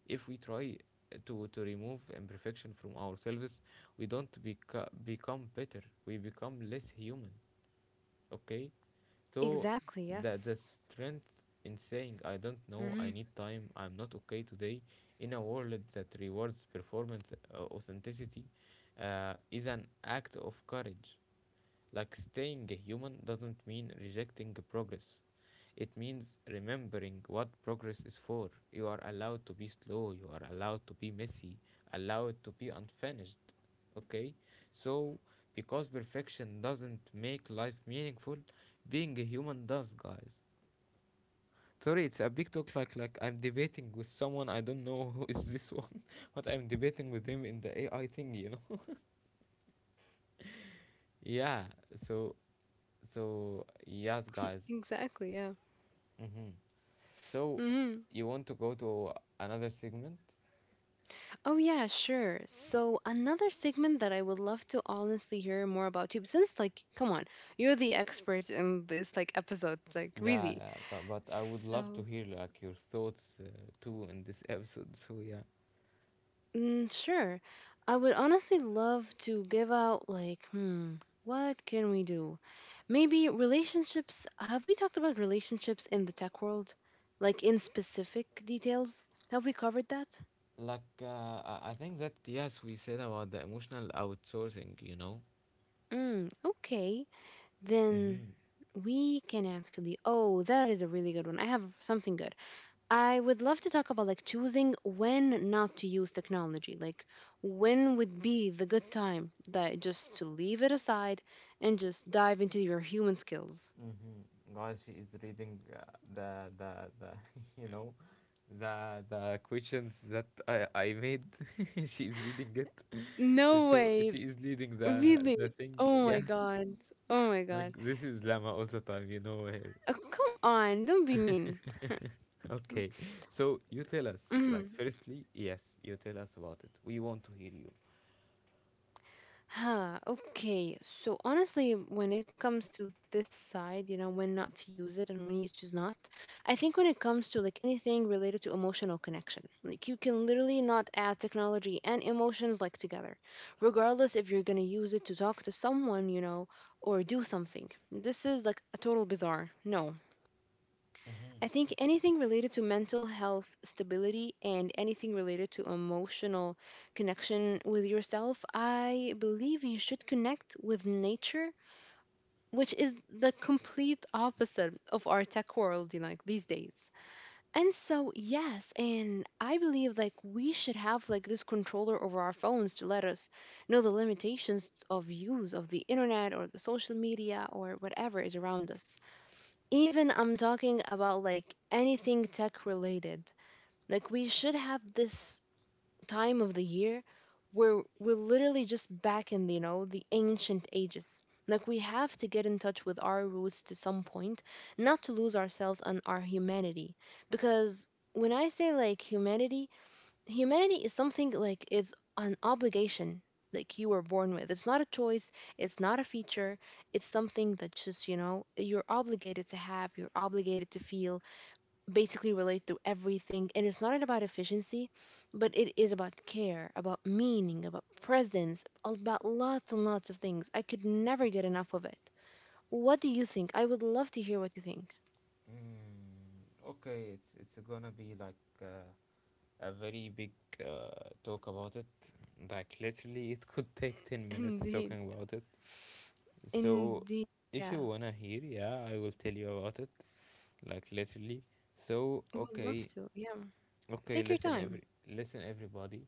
A: If we try to remove imperfection from ourselves, we don't become better, we become less human. Okay? So,
B: Exactly,
A: the
B: yes.
A: strength in saying, I don't know,
B: Hmm.
A: I need time, I'm not okay today, in a world that rewards performance authenticity, is an act of courage. Like staying human doesn't mean rejecting progress. It means remembering what progress is for. You are allowed to be slow, you are allowed to be messy, allowed to be unfinished. Okay? So, because perfection doesn't make life meaningful, being a human does, guys. Sorry, it's a big talk. Like, I'm debating with someone. I don't know (laughs) who is this one, (laughs) but I'm debating with him in the AI thing. You know? (laughs) Yeah. So, so, yes, guys.
B: Exactly, yeah.
A: Mm-hmm. So,
B: Mm-hmm.
A: you want to go to another segment?
B: Oh, yeah, sure. So, another segment that I would love to honestly hear more about you, since, like, come on, you're the expert in this, like, episode, like,
A: Yeah,
B: really.
A: yeah, but I would love to
B: So,
A: hear like your thoughts too in this (laughs) episode. So yeah,
B: Sure. I would honestly love to give out, like, what can we do? Maybe relationships. Have we talked about relationships in the tech world? Like, in specific details? Have we covered that?
A: like I think that yes, we said about the emotional outsourcing. You know.
B: Mm, okay. Then
A: Mm-hmm.
B: we can actually. Oh, that is a really good one. I have something good. I would love to talk about like choosing when not to use technology. Like when would be the good time that just to leave it aside and just dive into your human skills.
A: Mm-hmm. Guys, she is reading the the the (laughs) you know the questions that I made. (laughs) She is reading it. (laughs)
B: No
A: So
B: way.
A: she is leading the
B: Really?
A: the thing.
B: Oh
A: Yeah,
B: my god. Oh my
A: like
B: god.
A: this is Lama all the time. You know her.
B: Oh, come on. Don't be mean.
A: (laughs) Okay, so you tell us, like,
B: Hmm.
A: firstly, yes, you tell us about it. We want to hear you.
B: Huh, okay. So honestly, when it comes to this side, when not to use it and when you choose not, I think when it comes to like anything related to emotional connection, like you can literally not add technology and emotions like together, regardless if you're gonna use it to talk to someone, or do something. This is like a total bizarre. No,
A: Mm-hmm.
B: I think anything related to mental health stability and anything related to emotional connection with yourself, I believe you should connect with nature, which is the complete opposite of our tech world, like these days. And so, yes, and I believe like we should have like this controller over our phones to let us know the limitations of use of the internet or the social media or whatever is around us, even I'm talking about like anything tech related. Like we should have this time of the year where we're literally just back in, the ancient ages. Like we have to get in touch with our roots to some point, not to lose ourselves and our humanity. Because when I say like humanity, humanity is something like it's an obligation, like you were born with, it's not a choice, it's not a feature, it's something that's just you're obligated to have, you're obligated to feel, basically relate to everything, and it's not about efficiency, but it is about care, about meaning, about presence, about lots and lots of things. I could never get enough of it. What do you think? I would love to hear what you think.
A: Mm, okay, it's gonna be like uh, a very big talk about it. Like literally, it could (laughs) take
B: (laughs)
A: 10 minutes
B: indeed
A: talking about it. So,
B: indeed.
A: if
B: Yeah,
A: you wanna hear, yeah, I will tell you about it. Like literally. So
B: I would love
A: okay,
B: to, yeah,
A: Okay,
B: take your
A: listen
B: time.
A: every Listen, everybody.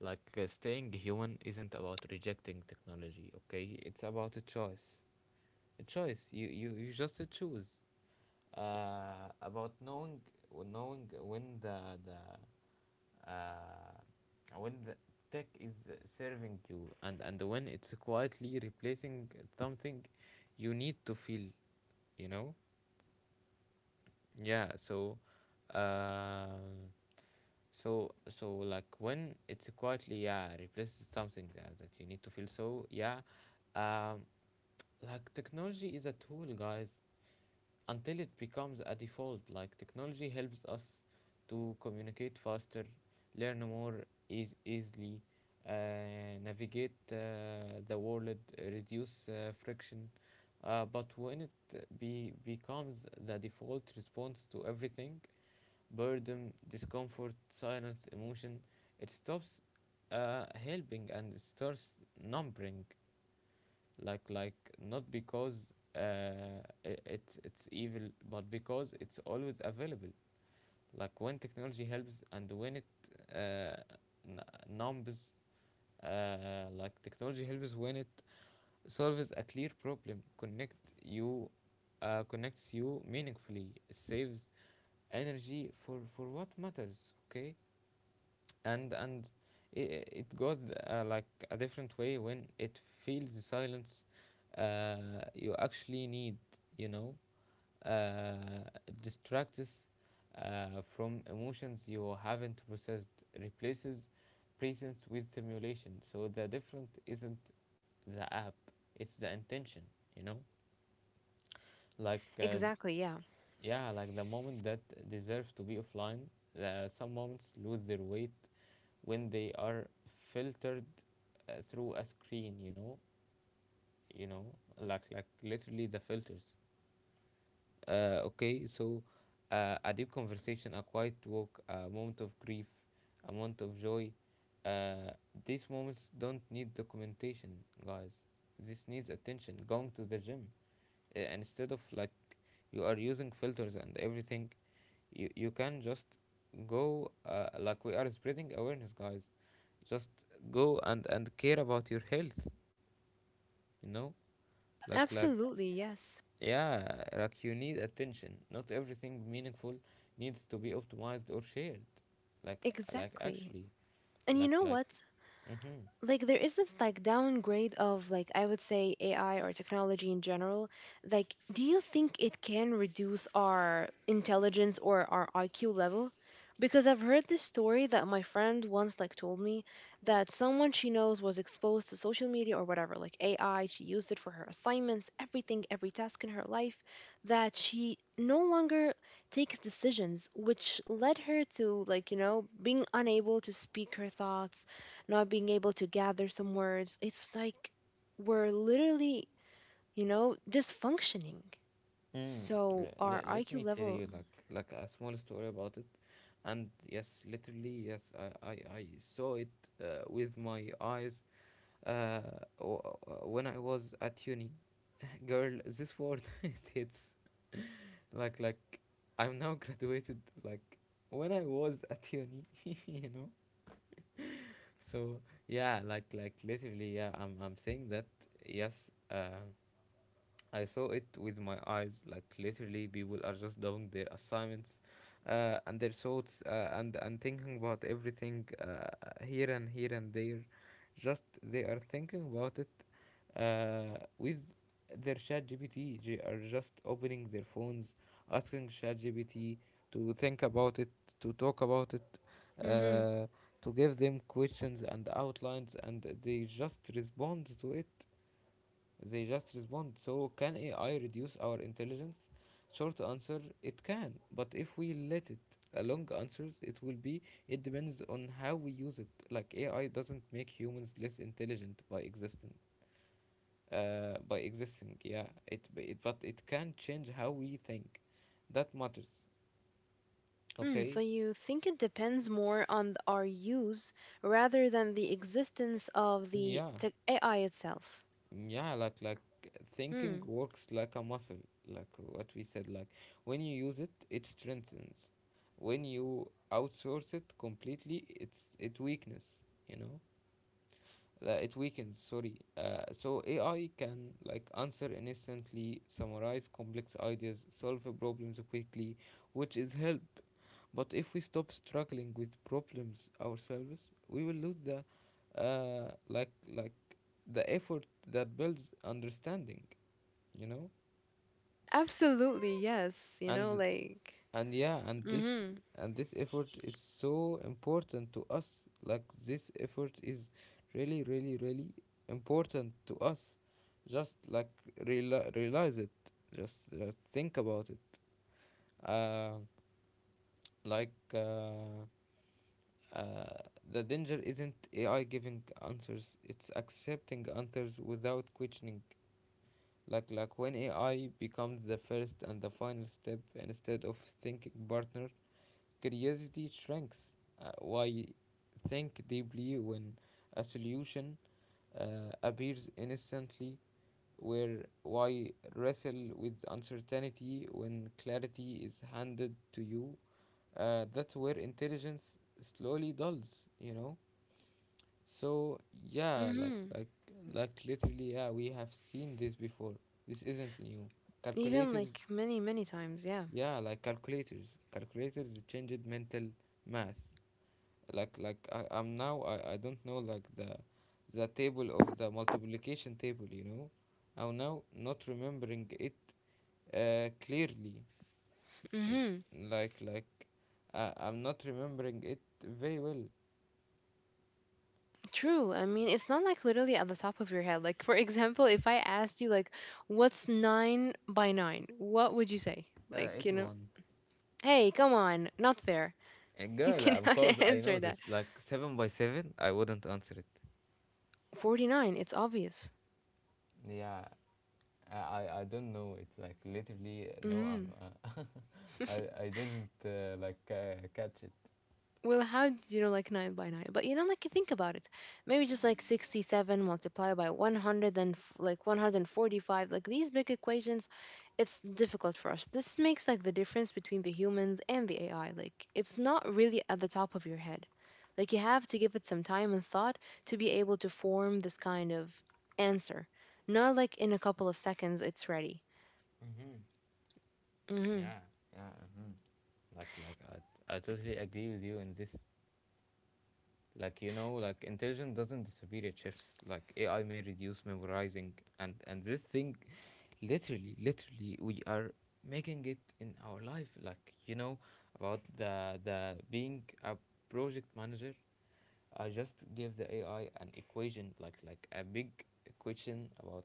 A: Like staying human isn't about rejecting technology, okay? It's about a choice. A choice. You just choose. About knowing, when the uh, the tech is serving you, and when it's quietly replacing something you need to feel, you know? yeah so um when it's quietly, yeah, replaces something that you need to feel. Um like technology is a tool, guys, until it becomes a default. Like technology helps us to communicate faster, learn more easily, uh, navigate the world, reduce friction. But when it becomes the default response to everything — boredom, discomfort, silence, emotion — it stops helping and starts numbing. Like, like Not because uh, it's evil, but because it's always available. Like when technology helps and when it uh, n- numbs. Like technology helps when it solves a clear problem, connects you meaningfully, saves energy for what matters. Okay. And it goes like a different way when it feels the silence you actually need, you know uh, distracts uh, from emotions you haven't processed, replaces presence with simulation. So the different isn't the app, it's the intention, you know? Like,
B: Exactly, yeah.
A: yeah, like the moment that deserves to be offline, some moments lose their weight when they are filtered through a screen, you know? You know, like literally, the filters. Okay, so, a deep conversation, a quiet walk, a moment of grief, a moment of joy. Uh, these moments don't need documentation, guys. This needs attention. Going to the gym, and instead of like you are using filters and everything, you can just go. Like we are spreading awareness, guys. Just go and care about your health. You know, like
B: Absolutely, yes.
A: yeah, like you need attention. Not everything meaningful needs to be optimized or shared. Like, like,
B: Exactly.
A: actually.
B: And you
A: like,
B: know
A: like,
B: what?
A: mm-hmm.
B: Like, there is this like downgrade of like, I would say, AI or technology in general. Like, do you think it can reduce our intelligence or our IQ level? Because I've heard this story that my friend once like told me that someone she knows was exposed to social media or whatever, like AI, she used it for her assignments, everything, every task in her life, that she no longer takes decisions, which led her to like, being unable to speak her thoughts, not being able to gather some words. It's like we're literally, just functioning.
A: Mm,
B: So our
A: Let
B: IQ
A: me tell
B: level.
A: you like a small story about it, and yes, literally, yes, I saw it with my eyes, uh, when I was at uni. Girl, this word (laughs) it hits. Like, I'm now graduated, like when I was at uni, (laughs) you know. So yeah, like literally, yeah, I'm saying that yes, um I saw it with my eyes, like literally people are just doing their assignments and their thoughts, and thinking about everything, here and here and there. Just they are thinking about it with their ChatGPT. They are just opening their phones, asking ChatGPT to think about it, to talk about it,
B: Hmm.
A: uh, to give them questions and outlines, and they just respond to it, they just respond. So, can AI reduce our intelligence? Short answer, it can. But if we let it, a long answers, it will be, it depends on how we use it. Like, AI doesn't make humans less intelligent by existing. By existing, yeah. But it can change how we think. That matters.
B: Mm,
A: Okay?
B: so you think it depends more on our use rather than the existence of the
A: Yeah.
B: tech AI itself.
A: yeah like like Thinking
B: Hmm.
A: works like a muscle. Like what we said. Like when you use it, it strengthens. When you outsource it completely, it's it weakness, you know. It weakens, sorry. So AI can like answer instantly, summarize complex ideas, solve problems quickly, which is help. But if we stop struggling with problems ourselves, we will lose the like the effort that builds understanding, you know.
B: Absolutely, yes. You know,
A: and
B: like.
A: and yeah,
B: Mm-hmm.
A: and this effort is so important to us. Like this effort is really, really, really important to us. Just like realize it. Just think about it. uh, like uh, uh, the danger isn't AI giving answers, it's accepting answers without questioning. Like when AI becomes the first and the final step instead of thinking partner, curiosity shrinks. Why think deeply when a solution appears instantly? Where Why wrestle with uncertainty when clarity is handed to you? That's where intelligence slowly dulls. You know. So yeah, like
B: Mm-hmm.
A: like like literally, yeah, we have seen this before. This isn't new.
B: Even
A: Calculators,
B: like many, many times, yeah.
A: yeah, like calculators. Calculators changed mental math. Like, I, I'm now I don't know like the multiplication table, you know. I'm now not remembering it clearly. N-
B: Mm-hmm.
A: Like like I'm not remembering it very well.
B: True. I mean, it's not like literally at the top of your head. Like, for (laughs) example, if I asked you, like, what's nine by nine? What would you say? Like,
A: 81.
B: hey, come on, not fair.
A: A
B: (laughs) You
A: girl,
B: cannot (laughs)
A: because I
B: answer
A: know
B: that.
A: this, like, seven by seven, I wouldn't answer it.
B: 49, it's obvious.
A: Yeah, I I don't know. It's like literally, no. I'm
B: Mm.
A: (laughs) I didn't catch it.
B: Well, how did you know like 9 by 9? But like you think about it, maybe just like 67 multiplied by 100 and like 145, like these big equations, it's difficult for us. This makes like the difference between the humans and the AI. Like it's not really at the top of your head. Like you have to give it some time and thought to be able to form this kind of answer. Not like in a couple of seconds it's ready.
A: Mm-hmm.
B: Hmm.
A: Yeah, yeah. Mm-hmm. Like, I totally agree with you in this. Like, you know, like intelligence doesn't disappear, it shifts. Like AI may reduce memorizing, and this thing. Literally, literally, we are making it in our life, like you know, about the being a project manager. I just give the AI an equation, like a big equation about,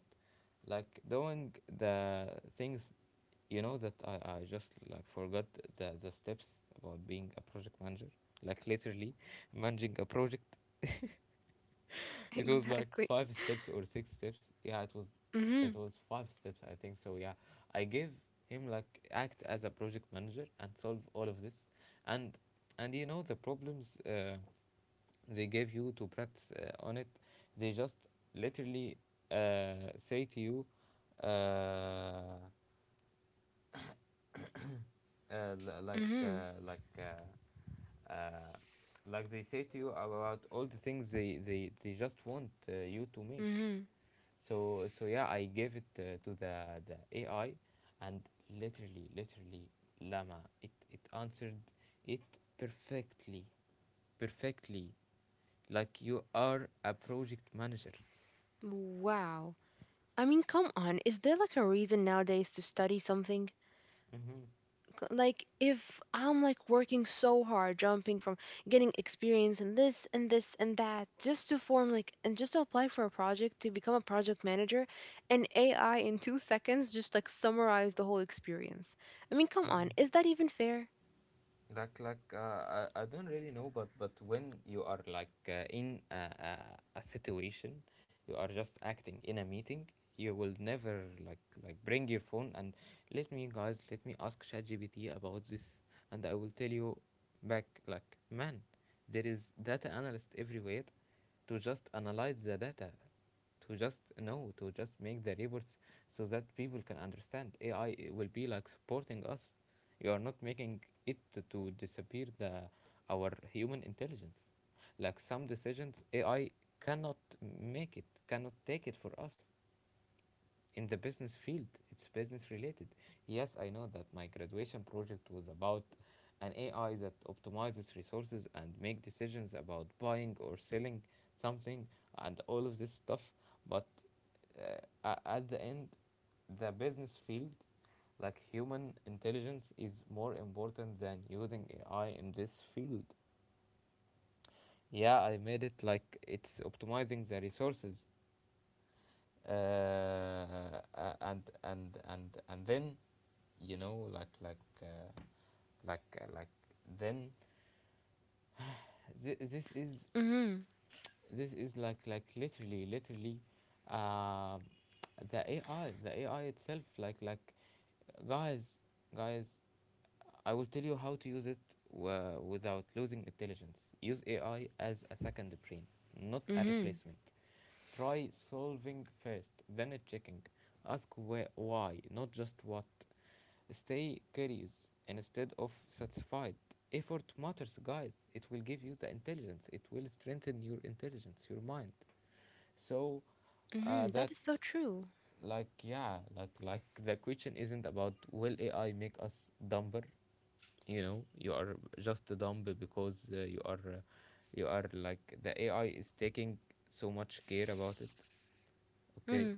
A: like, doing the things, you know, that I just like forgot the steps about being a project manager. Like literally managing a project.
B: (laughs)
A: It was like
B: Exactly.
A: five steps or six steps. Yeah, it was,
B: Mm-hmm.
A: it was five steps, I think. So yeah. I gave him, like, act as a project manager and solve all of this. And and you know the problems, they gave you to practice on it. They just literally say to you, uh, uh, li- like
B: Mm-hmm.
A: uh, like uh, uh, like they say to you about all the things they they just want, you to make.
B: Mm-hmm.
A: So yeah, I gave it to the AI, and literally, literally, llama it answered it perfectly, perfectly, like you are a project manager.
B: Wow. I mean, come on. Is there like a reason nowadays to study something?
A: Mm-hmm.
B: Like, if I'm like working so hard, jumping from getting experience in this and this and that, just to form like, and just to apply for a project to become a project manager, and AI in 2 seconds just like summarize the whole experience. I mean, come on. Is that even fair?
A: I don't really know, but when you are, like, in a situation, you are just acting in a meeting, you will never bring your phone and let me ask ChatGPT about this, and I will tell you back, like, man. There is data analyst everywhere, to just analyze the data, to just know, to just make the reports so that people can understand. AI will be like supporting us. You are not making it to disappear the our human intelligence. Like some decisions AI cannot make, it cannot take it for us in the business field. It's business related. Yes, I know that my graduation project was about an AI that optimizes resources and make decisions about buying or selling something and all of this stuff. But uh, at the end, the business field, like human intelligence, is more important than using AI in this field. Yeah, I made it like it's optimizing the resources, a- and then, you know, like uh, like then, th- this is
B: Mm
A: this is, like literally, literally, uh, the AI, itself, like, guys guys, I will tell you how to use it without losing intelligence. Use AI as a second brain, not
B: hmm. Mm
A: a
B: hmm.
A: replacement. Try solving first, then a checking. Ask where, why, not just what. Stay curious instead of satisfied. Effort matters, guys. It will give you the intelligence. It will strengthen your intelligence, your mind. So,
B: Mm hmm.
A: that
B: That is so true.
A: like yeah, like the question isn't about, will AI make us dumber? You know, you are just dumb because you are, like, the AI is taking so much care about it. Okay,
B: Mm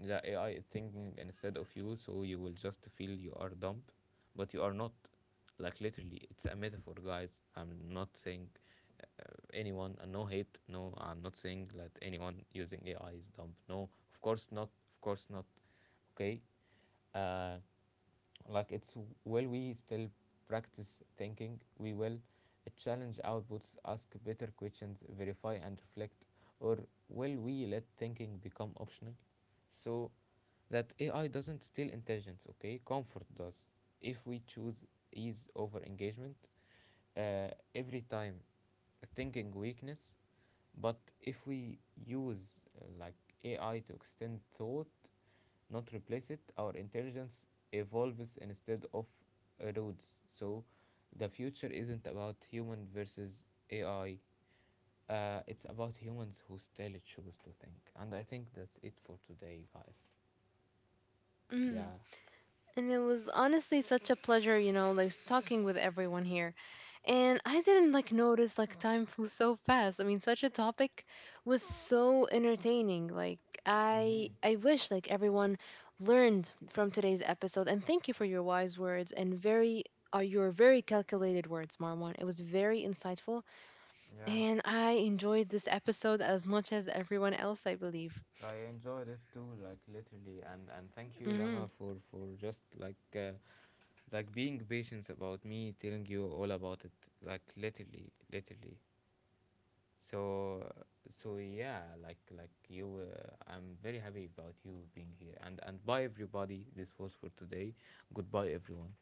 A: the AI is thinking instead of you, so you will just feel you are dumb, but you are not. Like literally, it's a metaphor, guys. I'm not saying anyone, and no hate. No, I'm not saying that anyone using AI is dumb. No, of course not. Of course not. Okay. Uh, like it's Will we still practice thinking? We will challenge outputs, ask better questions, verify and reflect. Or will we let thinking become optional, so that AI doesn't steal intelligence? Okay, comfort does. If we choose ease over engagement, uh, every time thinking weakness. But if we use uh, like AI to extend thought, not replace it, our intelligence evolves instead of erodes. So the future isn't about human versus AI. It's about humans who still choose to think. And I think that's it for today, guys.
B: hmm. Mm hmm.
A: Yeah.
B: And it was honestly such a pleasure, like talking with everyone here. And I didn't like notice like time flew so fast. I mean, such a topic was so entertaining. Like I
A: Mm-hmm.
B: I wish like everyone learned from today's episode, and thank you for your wise words and very your very calculated words, Marwan. It was very insightful,
A: Yeah,
B: and I enjoyed this episode as much as everyone else, I believe.
A: I enjoyed it too, like literally, and thank you, Lama,
B: Mhm.
A: for just like being patient about me telling you all about it, like literally, literally. so so yeah, you, I'm very happy about you being here, and bye, everybody. This was for today. Goodbye, everyone.